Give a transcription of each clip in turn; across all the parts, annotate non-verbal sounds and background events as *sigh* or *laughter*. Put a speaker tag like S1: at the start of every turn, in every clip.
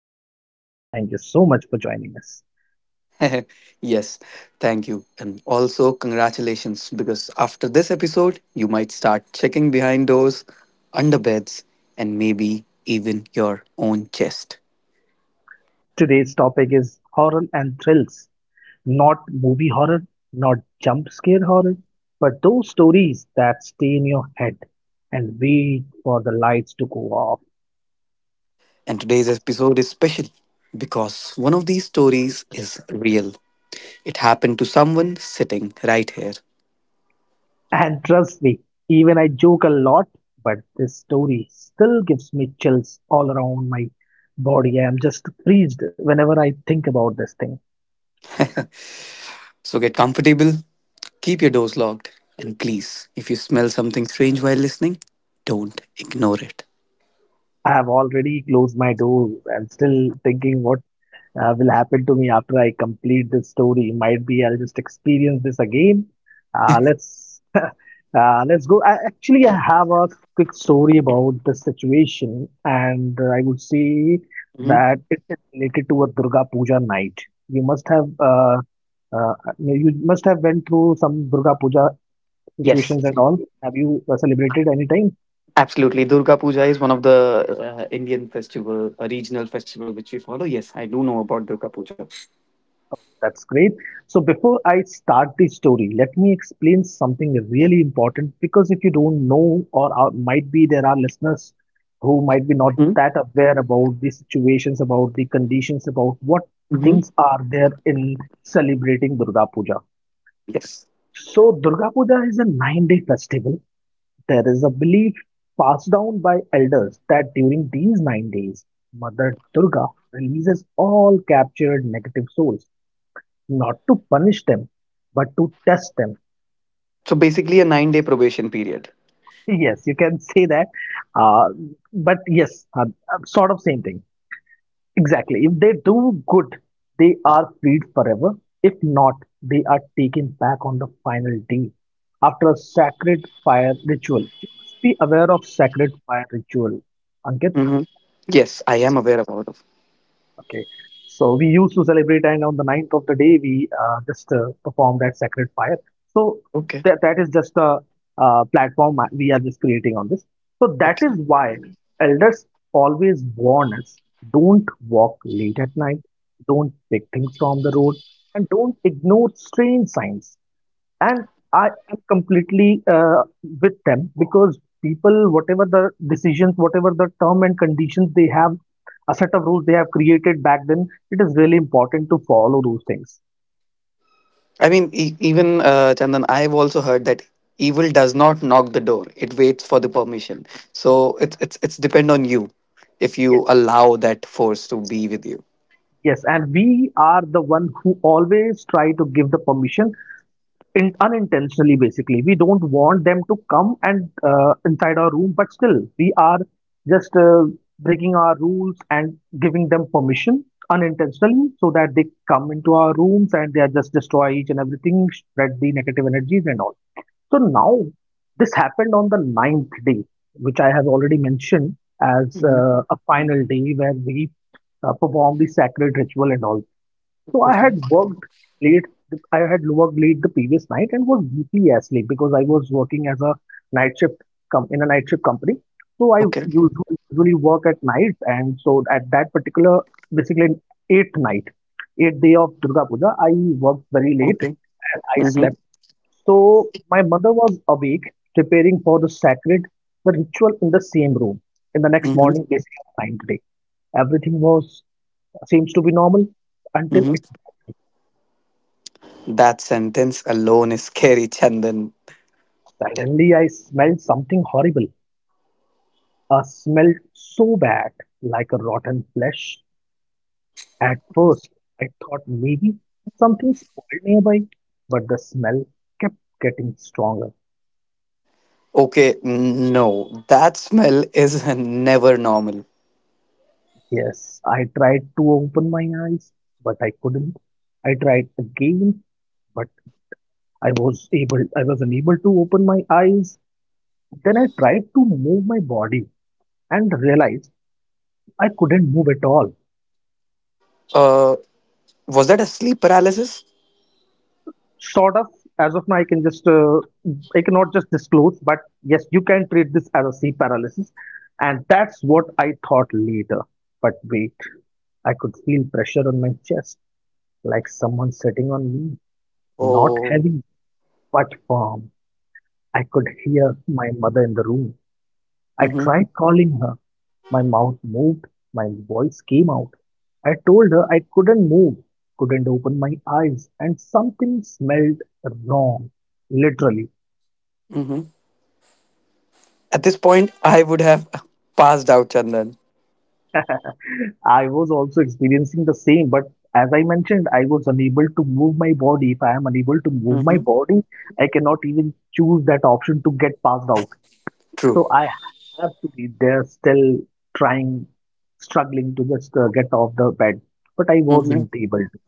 S1: Second of all, thank you so much for joining us.
S2: *laughs* Yes, thank you. And also, congratulations because after this episode, you might start checking behind doors, under beds, and maybe even your own chest.
S1: Today's topic is horror and thrills, not movie horror, not jump scare horror, but those stories that stay in your head and wait for the lights to go off.
S2: And today's episode is special because one of these stories is real. It happened to someone sitting right here.
S1: And trust me, even I joke a lot, but this story still gives me chills all around my body. I am just freezed whenever I think about this thing.
S2: So get comfortable, keep your doors locked, and please, if you smell something strange while listening, don't ignore it.
S1: I have already closed my door and still thinking what will happen to me after I complete this story. Might be I'll just experience this again. Let's *laughs* let's go. Actually, I have a quick story about this situation, and I would say
S2: Mhm.
S1: that it is related to a Durga Puja night. You must have you must have went through some Durga Puja
S2: Yes,
S1: situations and all. Have you celebrated any time?
S2: absolutely. Durga Puja is one of the Indian festival, a regional festival which we follow. Yes, I do know about Durga Puja.
S1: That's great. So before I start the story, let me explain something really important because if you don't know, or are, might be there are listeners who might be not that aware about the situations, about the conditions, about what
S2: Mm-hmm.
S1: things are there in celebrating Durga Puja.
S2: Yes.
S1: So Durga Puja is a nine-day festival. There is a belief passed down by elders that during these 9 days, Mother Durga releases all captured negative souls not to punish them, but to test them.
S2: So basically a 9-day probation period.
S1: *laughs* Yes, you can say that. Uh, but yes, sort of same thing. Exactly. If they do good, they are freed forever. If not, they are taken back on the final day after a sacred fire ritual. You must be aware of sacred fire ritual, Ankit.
S2: Mm-hmm. Yes, I am aware about it.
S1: Okay. So we used to celebrate, and on the ninth of the day, we just perform that sacred fire. So
S2: Okay.
S1: that is just a platform we are just creating on this. So that
S2: Okay.
S1: is why elders always warn us: don't walk late at night, don't pick things from the road, and don't ignore strange signs. And I am completely with them because people, whatever the decisions, whatever the term and conditions they have, a set of rules they have created back then, it is really important to follow those things.
S2: I mean, even Chandan, I've also heard that evil does not knock the door. It waits for the permission. So it's depend on you if you
S1: Yes,
S2: allow that force to be with you.
S1: yes, and we are the one who always try to give the permission in unintentionally. Basically, we don't want them to come and inside our room, but still we are just breaking our rules and giving them permission unintentionally, so that they come into our rooms and they are just destroy each and everything, spread the negative energies and all. So now this happened on the ninth day, which I have already mentioned as
S2: Mhm.
S1: a final day where we perform the sacred ritual and all. So I had
S2: Okay.
S1: worked late. I had worked late the previous night and was deeply asleep because I was working as a night shift in a night shift company. So I
S2: Okay.
S1: usually work at night, and so at that particular basically eighth night, eighth day of Durga Puja, I worked very late
S2: Okay.
S1: and I
S2: Mm-hmm.
S1: slept. So my mother was awake, preparing for the sacred, the ritual in the same room. In the next
S2: Mm-hmm.
S1: morning, basically on the ninth day, everything was seems to be normal until
S2: Mm-hmm.
S1: it wasn't.
S2: That sentence alone is scary, Chandan.
S1: Suddenly, I smelled something horrible. A smell so bad, like a rotten flesh. At first, I thought maybe something spoiled nearby, but the smell kept getting stronger.
S2: Okay, no, that smell is *laughs* never normal.
S1: Yes, I tried to open my eyes, but I couldn't. I tried again, but I was able I was unable to open my eyes. Then I tried to move my body and realized I couldn't move at all.
S2: Uh, was that a sleep paralysis?
S1: Sawdust. As of now I can just I cannot just disclose, but yes, you can treat this as a sleep paralysis, and that's what I thought later. But wait, I could feel pressure on my chest, like someone sitting on me, not
S2: Oh.
S1: heavy but firm. I could hear my mother in the room. I
S2: Mm-hmm.
S1: tried calling her. My mouth moved, my voice came out. I told her I couldn't move, couldn't open my eyes, and something smelled wrong, literally.
S2: Mm-hmm. At this point, I would have *laughs* passed out, Chandan.
S1: I was also experiencing the same, but as I mentioned, I was unable to move my body. If I am unable to move my
S2: Mm-hmm.
S1: body, I cannot even choose that option to get passed out.
S2: True.
S1: So I have to be there still trying, struggling to just get off the bed. But I
S2: Mm-hmm.
S1: wasn't able to.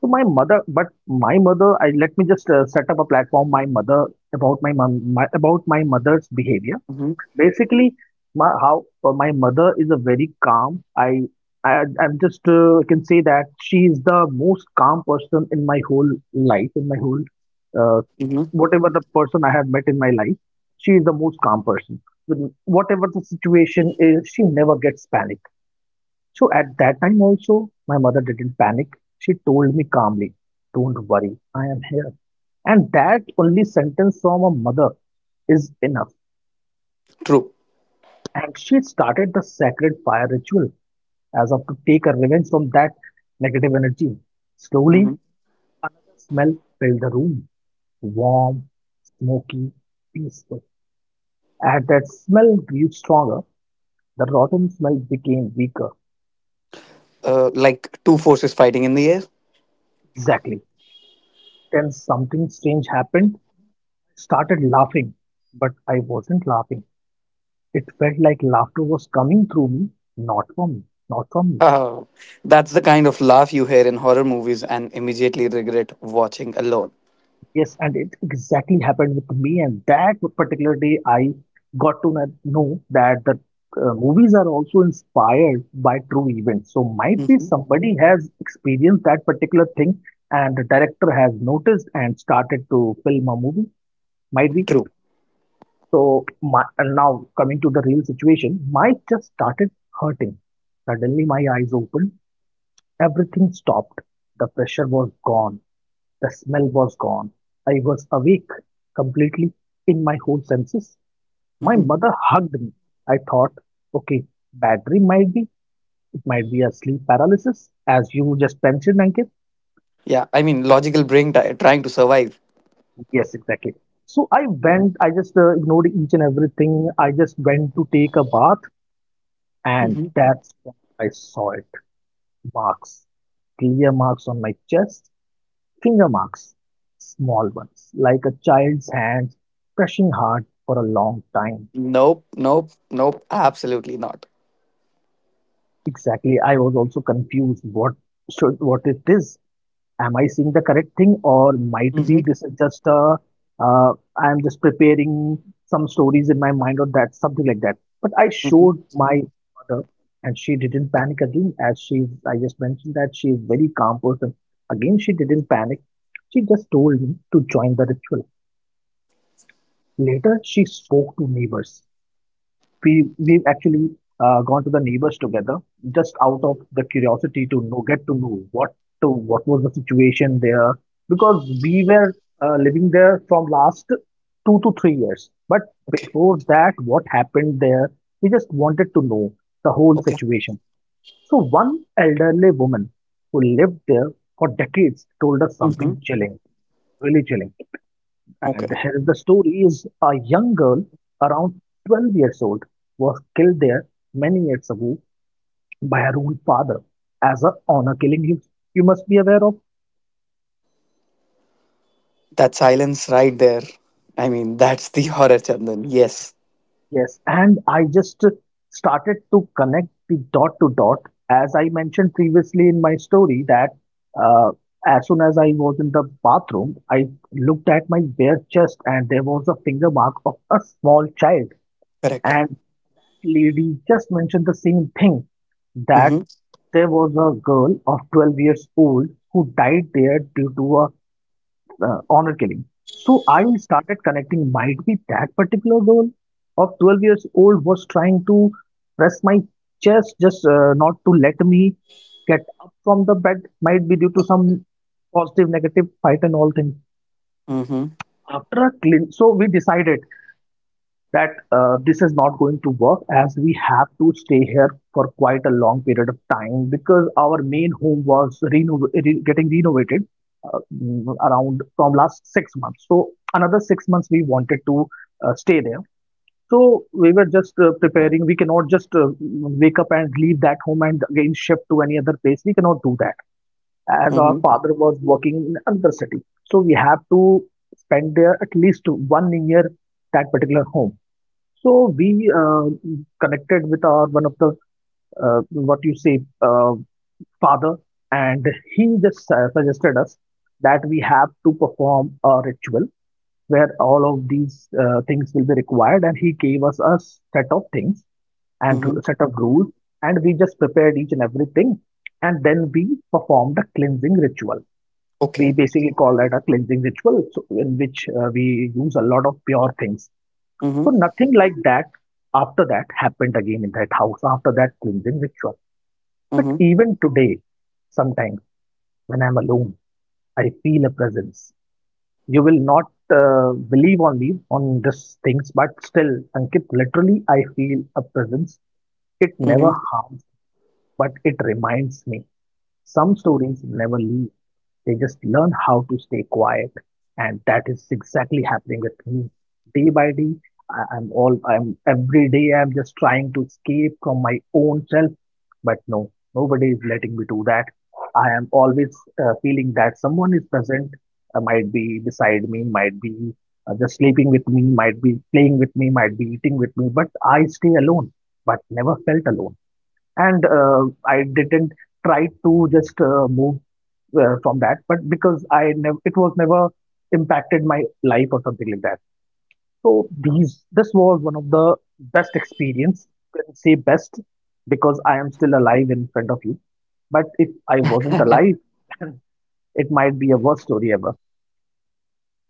S1: So my mother, but my mother, I let me just set up a platform. My mother about my mom, my, about my mother's behavior.
S2: Hmm.
S1: Basically, my how my mother is a very calm. I'm just can say that she is the most calm person in my whole life, in my whole uh,
S2: Hmm.
S1: whatever the person I have met in my life. She is the most calm person. With Whatever the situation is, she never gets panic. So at that time also, my mother didn't panic. She told me calmly, "Don't worry, I am here." And that only sentence from a mother is enough.
S2: True.
S1: And she started the sacred fire ritual as if to take her revenge from that negative energy.
S2: Hmm.
S1: Slowly, another smell filled the room, warm, smoky, peaceful. As that smell grew stronger, the rotten smell became weaker.
S2: Like two forces fighting in the air. *laughs*
S1: Exactly. Then something strange happened. I started laughing, but I wasn't laughing. It felt like laughter was coming through me, not from me, not from me.
S2: Ah, that's the kind of laugh you hear in horror movies and immediately regret watching alone.
S1: Yes, and it exactly happened with me. And that particular day, I got to know that the movies are also inspired by true events. So, might be
S2: Hmm.
S1: somebody has experienced that particular thing, and the director has noticed and started to film a movie. Might be.
S2: True.
S1: So, my, and now coming to the real situation, my just started hurting. Suddenly, my eyes opened. Everything stopped, the pressure was gone, the smell was gone, I was awake, completely in my whole senses. My
S2: Hmm.
S1: mother hugged me. I thought, okay, battery might be, it might be a sleep paralysis, as you just mentioned, Ankit.
S2: Yeah, I mean, logical brain ti trying to survive.
S1: Yes, exactly. So I went, I just ignored each and everything. I just went to take a bath, and
S2: Hmm.
S1: that's when I saw it. Marks, clear marks on my chest. Finger marks, small ones, like a child's hands, pressing hard for a long time.
S2: Nope, nope, nope, absolutely not.
S1: Exactly. I was also confused. What should what it is? Am I seeing the correct thing, or might be
S2: Hmm.
S1: this is just a uh, I am just preparing some stories in my mind, or that something like that. But I
S2: Hmm.
S1: showed my mother, and she didn't panic again. As she, I just mentioned that she is very calm person. Again, she didn't panic. She just told me to join the ritual. Later, she spoke to neighbors. We we've actually gone to the neighbors together, just out of the curiosity to know, get to know what to, what was the situation there, because we were living there from last 2 to 3 years. But
S2: Okay,
S1: before that, what happened there? We just wanted to know the whole
S2: okay.
S1: situation. So one elderly woman who lived there for decades told us
S2: Hmm.
S1: something chilling, really chilling. And
S2: Okay.
S1: here is the story is a young girl around 12 years old was killed there many years ago by her own father as a honor killing, you must be aware of.
S2: That silence right there. I mean, that's the horror, Chandan. Yes,
S1: Yes, and I just started to connect the dot to dot. As I mentioned previously in my story, that uh, as soon as I was in the bathroom, I looked at my bare chest and there was a finger mark of a small child.
S2: correct.
S1: And that lady just mentioned the same thing that
S2: Mm-hmm.
S1: there was a girl of 12 years old who died there due to a honor killing. So I started connecting, might be that particular girl of 12 years old was trying to press my chest just not to let me get up from the bed, might be due to some positive, negative fight and all things.
S2: Mm-hmm.
S1: After a clean, so we decided that this is not going to work as we have to stay here for quite a long period of time because our main home was getting renovated around from last 6 months. So another 6 months we wanted to stay there. So we were just preparing. We cannot just wake up and leave that home and again shift to any other place. We cannot do that as our
S2: Mm-hmm.
S1: father was working in another city. So we have to spend there at least one year that particular home. So we connected with our one of the what you say father, and he just suggested us that we have to perform a ritual where all of these things will be required, and he gave us a set of things and
S2: Mm-hmm.
S1: set of rules, and we just prepared each and everything, and then we performed a cleansing ritual. We
S2: Okay.
S1: basically call that a cleansing ritual, so in which we use a lot of pure things so
S2: Mm-hmm.
S1: nothing like that after that happened again in that house after that cleansing ritual. But even today, sometimes when I'm alone, I feel a presence. You will not believe on me on these things, but still, Ankit, literally, I feel a presence. It never
S2: Hmm.
S1: harms but it reminds me, some stories never leave. They just learn how to stay quiet, and that is exactly happening with me. Day by day, I- I'm all I'm every day I'm just trying to escape from my own self, but no, nobody is letting me do that. I am always feeling that someone is present, might be beside me, might be just sleeping with me, might be playing with me, might be eating with me, but I stay alone, but never felt alone and I didn't try to just move from that, but because I never, it was never impacted my life or something like that. So this was one of the best experience. You can say best because I am still alive in front of you. But if I wasn't alive, *laughs* then it might be a worst story ever.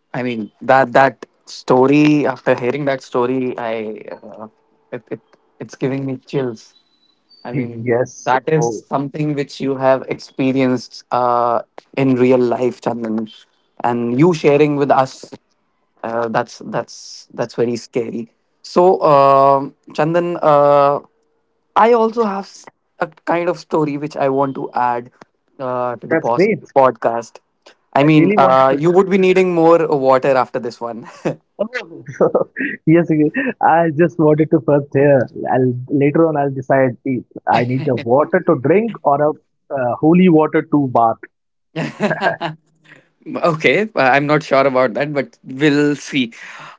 S2: I mean, that story. After hearing that story, I it, it it's giving me chills. I
S1: *laughs*
S2: mean
S1: Yes,
S2: that is
S1: so
S2: something which you have experienced in real life, Chandan, and you sharing with us. That's very scary. So, Chandan, I also have a kind of story which I want to add to the
S1: that's great.
S2: podcast. I
S1: I
S2: mean,
S1: really wanted to.
S2: you would be needing more water after this one. *laughs* Okay,
S1: Oh, *laughs* yes, yes. I just wanted to first hear. I'll, later on, I'll decide if I need a water to drink or a holy water to bath.
S2: I'm not sure about that, but we'll see.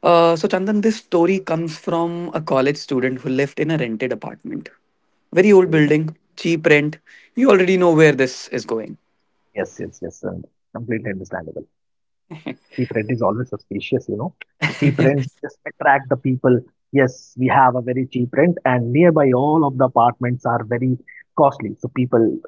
S2: So, Chandan, this story comes from a college student who lived in a rented apartment. Very old
S1: Okay.
S2: building, cheap rent. You already know where this is going.
S1: Yes, yes, yes. Completely understandable. Cheap rent is always suspicious, you know. Cheap rent just attract the people. Yes, we have a very cheap rent, and nearby all of the apartments are very costly. So people,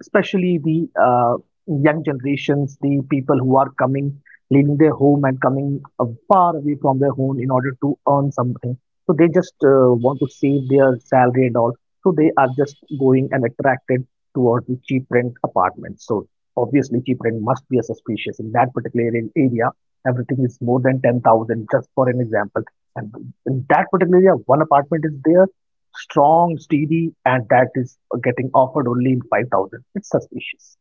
S1: especially the young generations, the people who are coming, leaving their home and coming far away from their home in order to earn something. So they just want to save their salary and all. So they are just going and attracted towards the cheap rent apartments. So obviously cheap rent must be a suspicious in that particular area, everything is more than 10,000, just for an example. And in that particular area, one apartment is there, strong, steady, and that is getting offered only in 5,000. It's suspicious.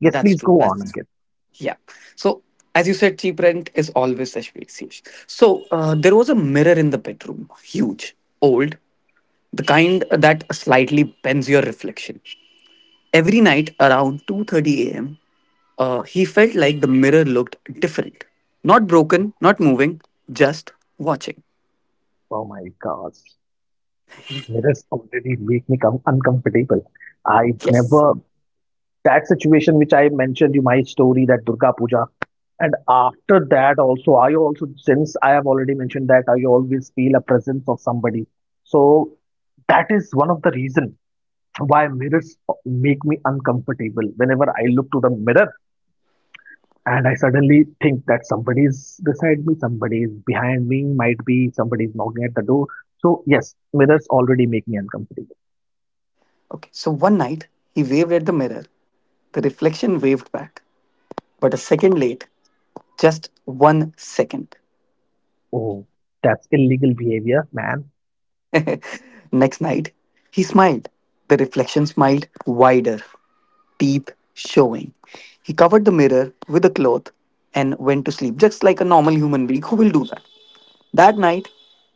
S1: Yes, please
S2: true.
S1: go on, and
S2: That's
S1: get.
S2: Yeah. So as you said, cheap rent is always HBCH. So there was a mirror in the bedroom, huge, old, the kind that slightly bends your reflection. Every night around 2:30 a.m., he felt like the mirror looked different, not broken, not moving, just watching.
S1: Oh my gosh. Mirrors already make me come uncomfortable. I
S2: Yes.
S1: never, that situation which I mentioned you my story, that Durga Puja, and after that also, I also, since I have already mentioned that I always feel a presence of somebody. So that is one of the reason why mirrors make me uncomfortable whenever I look to the mirror and I suddenly think that somebody is beside me, somebody is behind me, might be somebody is knocking at the door, so yes, mirrors already make me uncomfortable.
S2: Okay. So one night he waved at the mirror. The reflection waved back, but a second late, just 1 second.
S1: Oh, that's illegal behavior, man.
S2: *laughs* Next night, he smiled. The reflection smiled wider, teeth showing. He covered the mirror with a cloth and went to sleep, just like a normal human being who will do that. That night,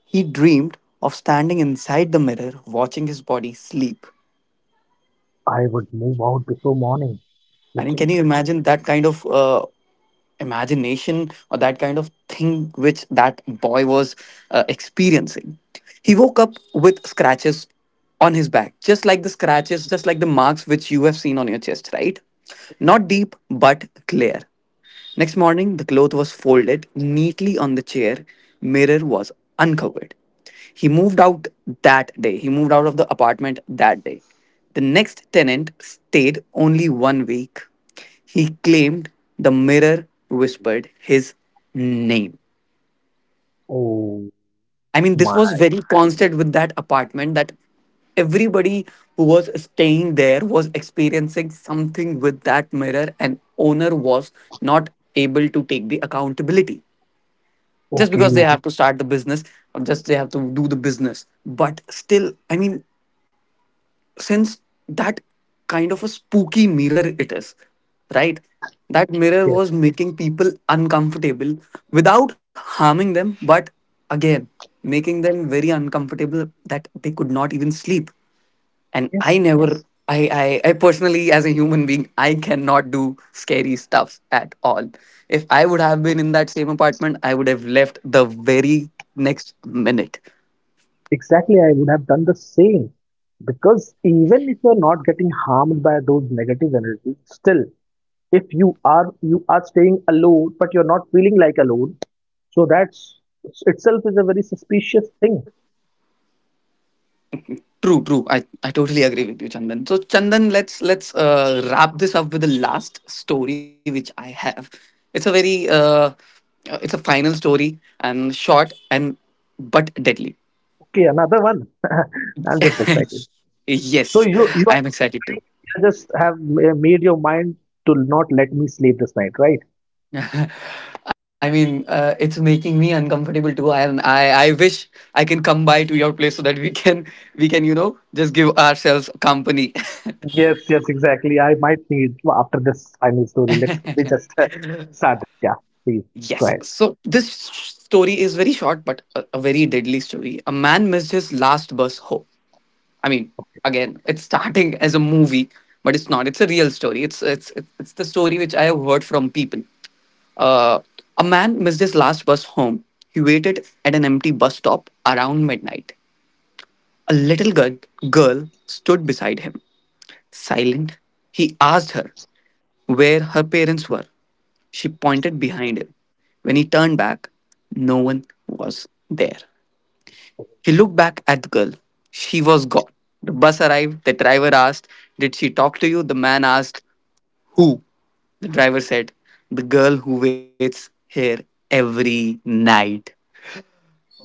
S2: he dreamed of standing inside the mirror, watching his body sleep.
S1: I would move out before morning,
S2: I mean, can
S1: literally.
S2: you imagine that kind of imagination or that kind of thing which that boy was experiencing? He woke up with scratches on his back, just like the scratches, just like the marks which you have seen on your chest, right? Not deep, but clear. Next morning, the cloth was folded neatly on the chair, mirror was uncovered. He moved out that day. He moved out of the apartment that day. The next tenant stayed only 1 week. He claimed the mirror whispered his name.
S1: Oh
S2: I mean, this
S1: my.
S2: was very constant with that apartment that everybody who was staying there was experiencing something with that mirror, and owner was not able to take the accountability. Just because they
S1: Okay.
S2: have to start the business, or just they have to do the business, but still, I mean, since that kind of a spooky mirror it is, right? That mirror
S1: Yes,
S2: was making people uncomfortable without harming them, but again making them very uncomfortable that they could not even sleep. And I
S1: yes,
S2: never. I personally, as a human being, I cannot do scary stuff at all. If I would have been in that same apartment, I would have left the very next minute.
S1: exactly, I would have done the same because even if you're not getting harmed by those negative energies, still if you are staying alone but you're not feeling like alone, so that's itself is a very suspicious thing.
S2: True, true, I totally agree with you, Chandan. So Chandan, let's wrap this up with the last story which I have. It's a very uh, uh, it's a final story and short and but deadly.
S1: Okay, another one. *laughs* I'm just excited.
S2: *laughs*
S1: So
S2: Yes,
S1: you
S2: I
S1: are
S2: am
S1: just
S2: excited too.
S1: trying, you just have made your mind to not let me sleep this night, right?
S2: *laughs* I mean, it's making me uncomfortable too. I am. I wish I can come by to your place so that we can, you know, just give ourselves company. *laughs*
S1: Yes, yes, exactly, I might need. Well, after this final story, let me just *laughs* start this. Yeah, please go
S2: Yes.
S1: ahead.
S2: So this story is very short, but a very deadly story. A man missed his last bus home. I mean,
S1: Okay.
S2: again, it's starting as a movie, but it's not. It's a real story. It's the story which I have heard from people. Uh, a man missed his last bus home. He waited at an empty bus stop around midnight. A little girl stood beside him. Silent, he asked her where her parents were. She pointed behind him. When he turned back, no one was there. He looked back at the girl. She was gone. The bus arrived. The driver asked, "Did she talk to you?" The man asked, "Who?" The driver said, "The girl who waits here every night."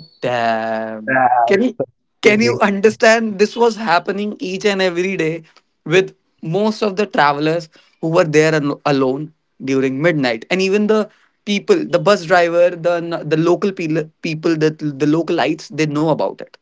S2: Damn.
S1: uh,
S2: Can you
S1: Such
S2: can you
S1: feeling one.
S2: understand this was happening each and every day with most of the travelers who were there alone during midnight, and even the people, the bus driver, the local people that the localites, they know about it.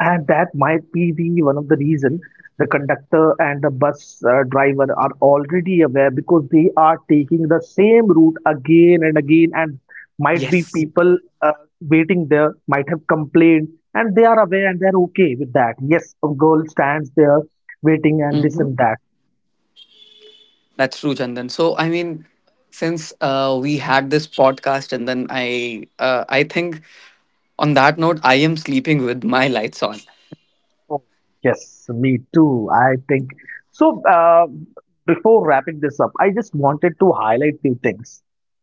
S1: And that might be the one of the reason the conductor and the bus driver are already aware because they are taking the same route again and again, and might be
S2: Yes.
S1: people waiting there might have complained and they are aware and they're okay with that. Yes, a girl stands there waiting and this
S2: Hmm.
S1: and that.
S2: That's true, Chandan. So I mean, since we had this podcast, and then I think on that note, I am sleeping with my lights on.
S1: Oh, yes, me too. I think so. Before wrapping this up, I just wanted to highlight few things.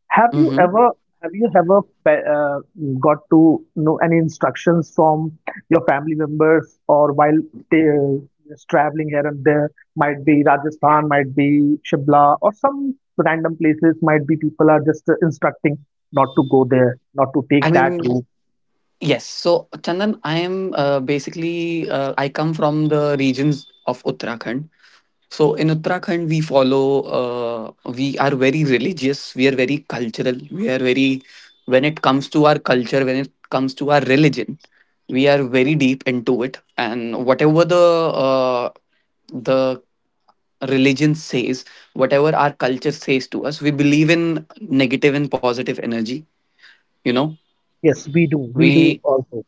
S1: Have you
S2: Hmm.
S1: ever have you ever got to know any instructions from your family members or while they, just traveling here and there? Might be Rajasthan, might be Shimla, or some random places. Might be people are just instructing not to go there, not to
S2: I
S1: take that
S2: mean,
S1: route.
S2: yes. So, Chandan, I am basically, I come from the regions of Uttarakhand. So, in Uttarakhand, we follow, we are very religious, we are very cultural, we are very, when it comes to our culture, when it comes to our religion, we are very deep into it. And whatever the religion says, whatever our culture says to us, we believe in negative and positive energy, you know?
S1: Yes, we do. We do
S2: We
S1: also.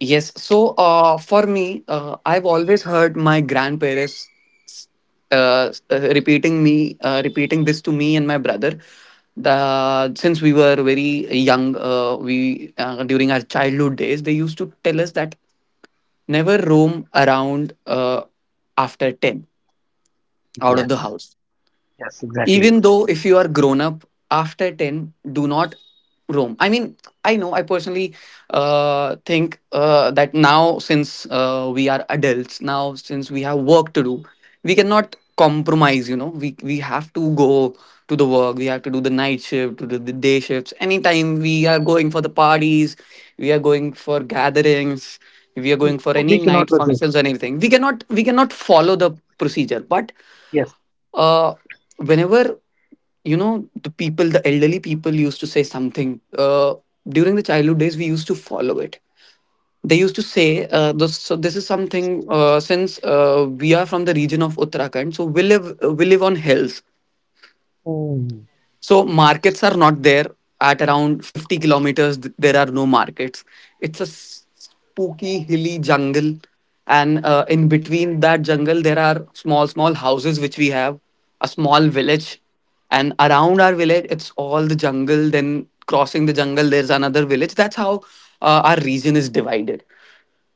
S2: Yes. So for me, I've always heard my grandparents repeating me, repeating this to me and my brother. The Since we were very young, we during our childhood days, they used to tell us that never roam around after 10 out of the
S1: Yes.
S2: house,
S1: Yes, exactly.
S2: even though if you are grown up. After 10, do not roam. I mean, I know I personally think that now since we are adults, now since we have work to do, we cannot compromise. You know, we have to go to the work, we have to do the night shift, to do the day shifts. Anytime we are going for the parties, we are going for gatherings, we are going for
S1: So we
S2: any
S1: cannot
S2: night
S1: resist.
S2: functions or anything, we cannot follow the procedure. But
S1: Yes.
S2: uh, whenever, you know, the people, the elderly people used to say something during the childhood days, we used to follow it. They used to say, this, "So this is something. Since we are from the region of Uttarakhand, so we live on hills.
S1: Mm.
S2: So markets are not there at around 50 kilometers. There are no markets. It's a spooky hilly jungle, and in between that jungle, there are small small houses which we have, a small village, and around our village, it's all the jungle. Then crossing the jungle, there's another village. That's how our region is divided.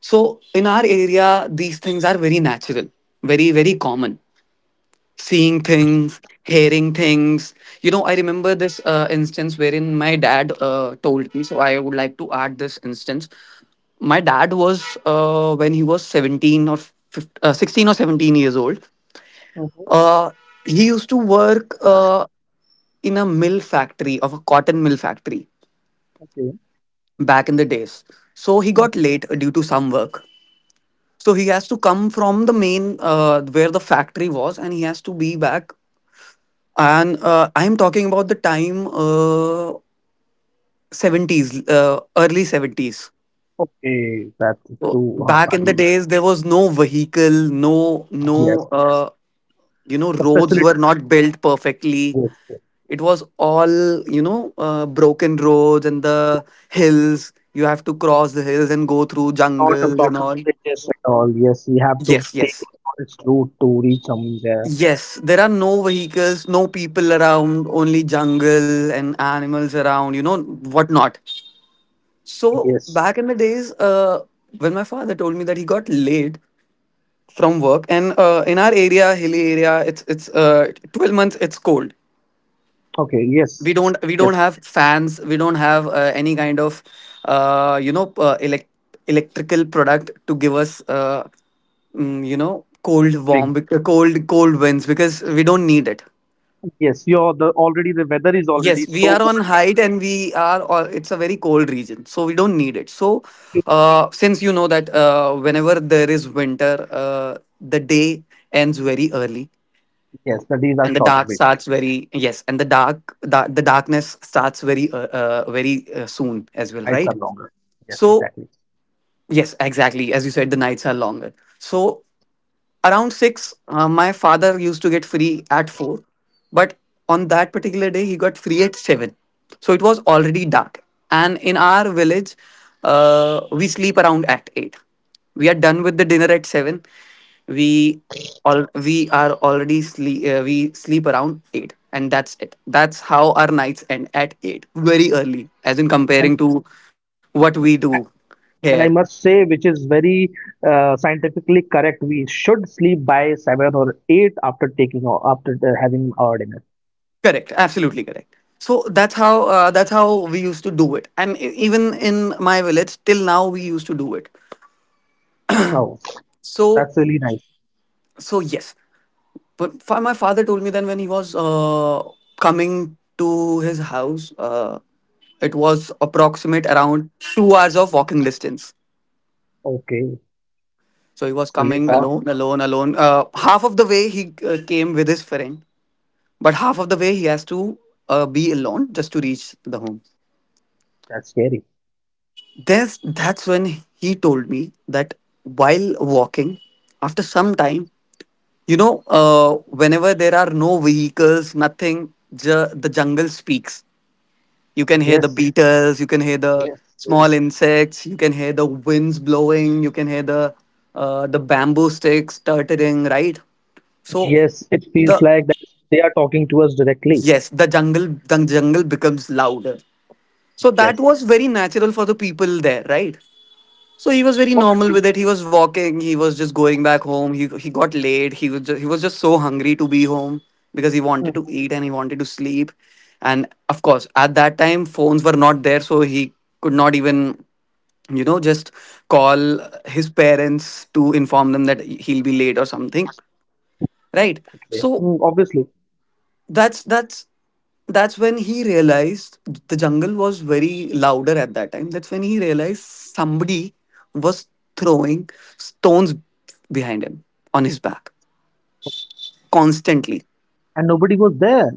S2: So in our area, these things are very natural, very very common, seeing things, hearing things. You know, I remember this instance wherein my dad told me, so I would like to add this instance. My dad was, when he was 17 or 15, 16 or 17 years old,
S1: Hmm.
S2: uh, he used to work in a mill factory, of a cotton mill factory
S1: Okay.
S2: back in the days. So he got
S1: Hmm.
S2: late due to some work. So he has to come from the main where the factory was, and he has to be back. And I'm talking about the time 70s, early 70s.
S1: Okay, that's
S2: So
S1: too
S2: back in the
S1: early.
S2: days,
S1: Yes,
S2: there was no vehicle, no, no,
S1: yes.
S2: you know,
S1: The
S2: roads were
S1: facilities,
S2: not built perfectly.
S1: yes. Yes.
S2: It was all, you know, broken roads and the
S1: So, so
S2: hills. You have to cross the hills and go through
S1: not a
S2: jungles and
S1: proper
S2: all.
S1: bridges and all. Yes, we have to
S2: Yes,
S1: take
S2: yes.
S1: a forest route to reach somewhere.
S2: Yes, there are no vehicles, no people around, only jungle and animals around, you know, whatnot. So
S1: Yes.
S2: back in the days, when my father told me that he got laid from work, and in our area, hilly area, it's 12 months. It's cold.
S1: Okay. Yes.
S2: We don't
S1: Yes.
S2: have fans. We don't have any kind of uh, you know uh, elect- electrical product to give us cold
S1: Cooling.
S2: warm cold winds because we don't need it.
S1: Yes. You're the already the weather is already
S2: Yes, we
S1: so
S2: are on
S1: cold that
S2: height and we are, or it's a very cold region, so we don't need it. So,
S1: you.
S2: since you know that whenever there is winter, the day ends very early
S1: Yes, the days are
S2: and the
S1: shorter
S2: dark
S1: basically.
S2: starts very, yes, and the the darkness starts very, very soon as well,
S1: Nights are
S2: right?
S1: longer. Yes,
S2: So,
S1: exactly.
S2: yes, exactly. As you said, the nights are longer. So, around six, my father used to get free at four, but on that particular day, he got free at seven. So it was already dark. And in our village, we sleep around at eight. We are done with the dinner at seven. We we are already sleep. We sleep around eight, and that's it. That's how our nights end at eight, very early, as in
S1: And
S2: comparing to what we do here.
S1: And I must say, which is very scientifically correct, we should sleep by seven or eight after taking or after having our dinner.
S2: Correct. Absolutely correct. So that's how we used to do it, and even in my village till now we used to do it.
S1: Oh,
S2: So
S1: that's really nice.
S2: so yes, but my father told me then when he was coming to his house, it was approximate around 2 hours of walking distance.
S1: Okay,
S2: So he was
S1: it's really
S2: coming
S1: far.
S2: alone. Half of the way he came with his friend, but half of the way he has to be alone just to reach the home.
S1: That's scary.
S2: That's when he told me that while walking, after some time, whenever there are no vehicles, nothing, the jungle speaks. You can hear the
S1: Yes,
S2: beetles, you can hear the
S1: yes, yes.
S2: small insects, you can hear the winds blowing, you can hear the bamboo sticks turtling, right? So
S1: Yes, it feels
S2: the
S1: like that they are talking to us directly.
S2: yes, the jungle becomes louder. So that was
S1: Yes,
S2: very natural for the people there, right? So he was very normal
S1: obviously.
S2: with it. He was walking. He was just going back home. He got late. He was just so hungry to be home because he wanted to
S1: Mm.
S2: eat and he wanted to sleep. And of course, at that time, phones were not there, so he could not even you know just call his parents to inform them that he'll be late or something, right?
S1: Okay.
S2: So
S1: Mm, obviously.
S2: that's that's that's when he realized the jungle was very louder at that time. That's when he realized somebody was throwing stones behind him on his back constantly.
S1: And nobody was there.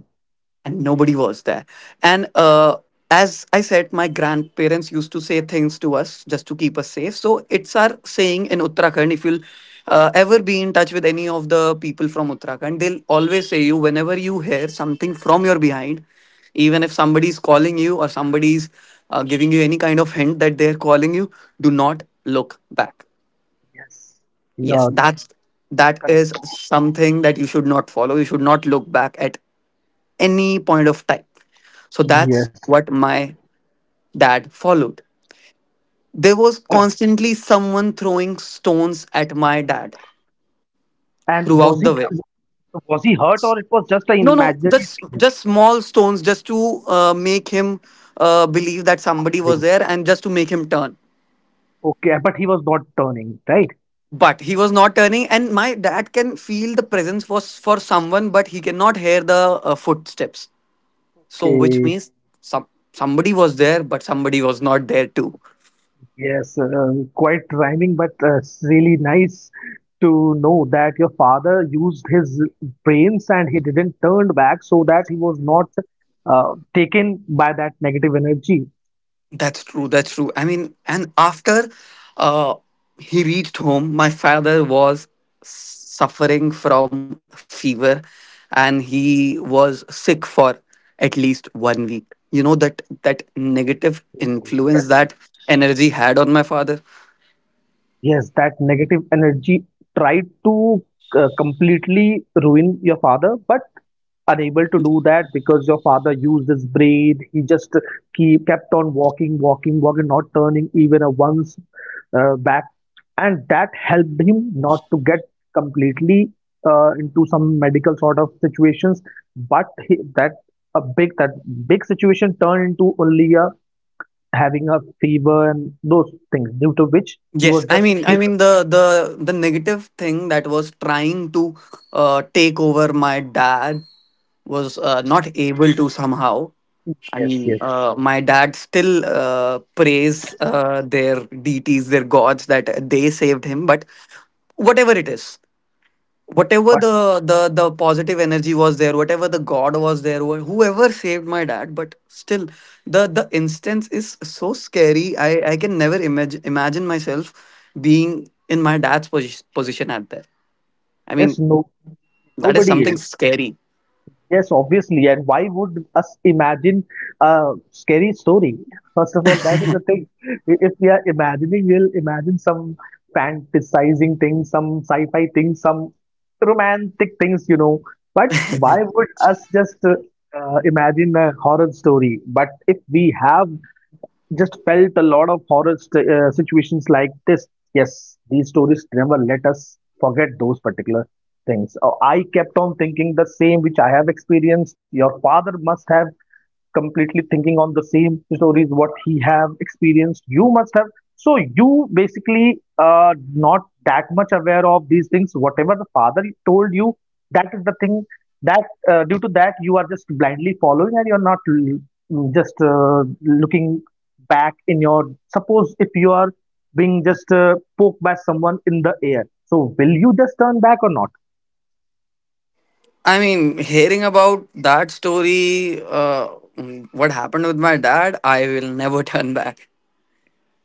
S2: And nobody was there. And as I said, my grandparents used to say things to us just to keep us safe. So it's our saying in Uttarakhand. If you'll ever be in touch with any of the people from Uttarakhand, they'll always say you whenever you hear something from your behind, even if somebody's calling you or somebody's giving you any kind of hint that they're calling you, do not look back.
S1: Yes, you
S2: Yes,
S1: are
S2: that is
S1: correct.
S2: something that you should not follow. You should not look back at any point of time. So that's
S1: Yes.
S2: what my dad followed. There was
S1: Oh.
S2: constantly someone throwing stones at my dad
S1: And
S2: throughout
S1: was
S2: the
S1: it,
S2: way.
S1: was he hurt or it was just an
S2: No, no,
S1: imaginary
S2: just
S1: stone?
S2: just small stones, just to make him believe that somebody was there, and just to make him turn.
S1: Okay, but he was not turning, right?
S2: But he was not turning, and my dad can feel the presence for someone, but he cannot hear the footsteps. So, which
S1: Okay,
S2: means some somebody was there, but somebody was not there too.
S1: yes, quite rhyming, but it's really nice to know that your father used his brains and he didn't turn back so that he was not taken by that negative energy.
S2: That's true. That's true. I mean, and after uh, he reached home, my father was suffering from fever and he was sick for at least 1 week. You know that that negative
S1: Mhm.
S2: influence that
S1: Yes,
S2: energy had on my father.
S1: yes, that negative energy tried to completely ruin your father, but unable to do that because your father used his brain. He just keep kept on walking, walking, walking, not turning even a once back, and that helped him not to get completely into some medical sort of situations. But he, that a big that big situation turned into only a having a fever and those things due to which he
S2: Yes,
S1: was just
S2: I
S1: sick.
S2: mean the the negative thing that was trying to take over my dad was not able to somehow. I
S1: Yes,
S2: mean,
S1: yes,
S2: my dad still prays their deities, their gods that they saved him. But whatever it is, whatever
S1: but
S2: the the positive energy was there, whatever the god was there, whoever saved my dad. But still, the instance is so scary. I can never imagine myself being in my dad's position at there. I
S1: yes,
S2: mean,
S1: no,
S2: that is
S1: nobody
S2: something
S1: is.
S2: scary.
S1: Yes, obviously. And why would us imagine a scary story? First of all, that is the thing. If we are imagining, we'll imagine some fantasizing things, some sci-fi things, some romantic things, you know. But why would us just imagine a horror story? But if we have just felt a lot of horror st situations like this, yes, these stories never let us forget those particular things. Oh, I kept on thinking the same which I have experienced. Your father must have completely thinking on the same stories what he have experienced. You must have. So you basically not that much aware of these things. Whatever the father told you, that is the thing that due to that you are just blindly following and you're not just looking back in your. Suppose if you are being just poked by someone in the air, so will you just turn back or not?
S2: I mean, hearing about that story, what happened with my dad, I will never *laughs* turn back.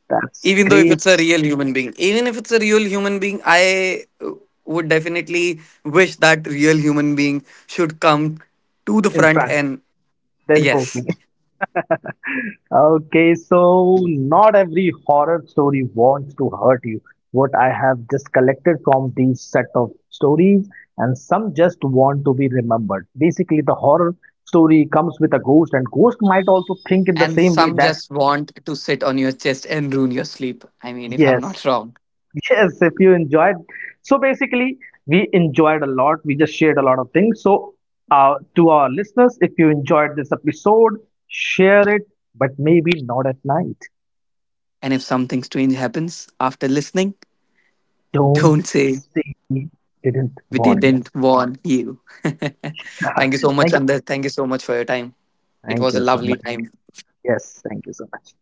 S1: That's
S2: Even though if
S1: great,
S2: it's a real human being, even if it's a real human being, I would definitely wish that real human being should come to the
S1: in
S2: front
S1: fact,
S2: and
S1: then for
S2: yes.
S1: me. Okay, so not every horror story wants to hurt you. What I have just collected from these set of stories, and some just want to be remembered. Basically, the horror story comes with a ghost, and ghost might also think in the
S2: And
S1: same way
S2: some
S1: that
S2: just want to sit on your chest and ruin your sleep. I mean, if I'm
S1: yes.
S2: not wrong.
S1: *laughs* Yes, if you enjoyed. So basically, we enjoyed a lot. We just shared a lot of things. So, to our listeners, if you enjoyed this episode, share it, but maybe not at night.
S2: And if something strange happens after listening, *laughs*
S1: Don't
S2: don't say
S1: say we didn't
S2: we
S1: warn you.
S2: didn't warn you. *laughs* Thank you so
S1: *laughs*
S2: much,
S1: Thank you.
S2: Andar. Thank you so much for your time. It
S1: Thank
S2: was a
S1: you so
S2: lovely
S1: much. Thank you.
S2: time.
S1: Yes, thank you so much.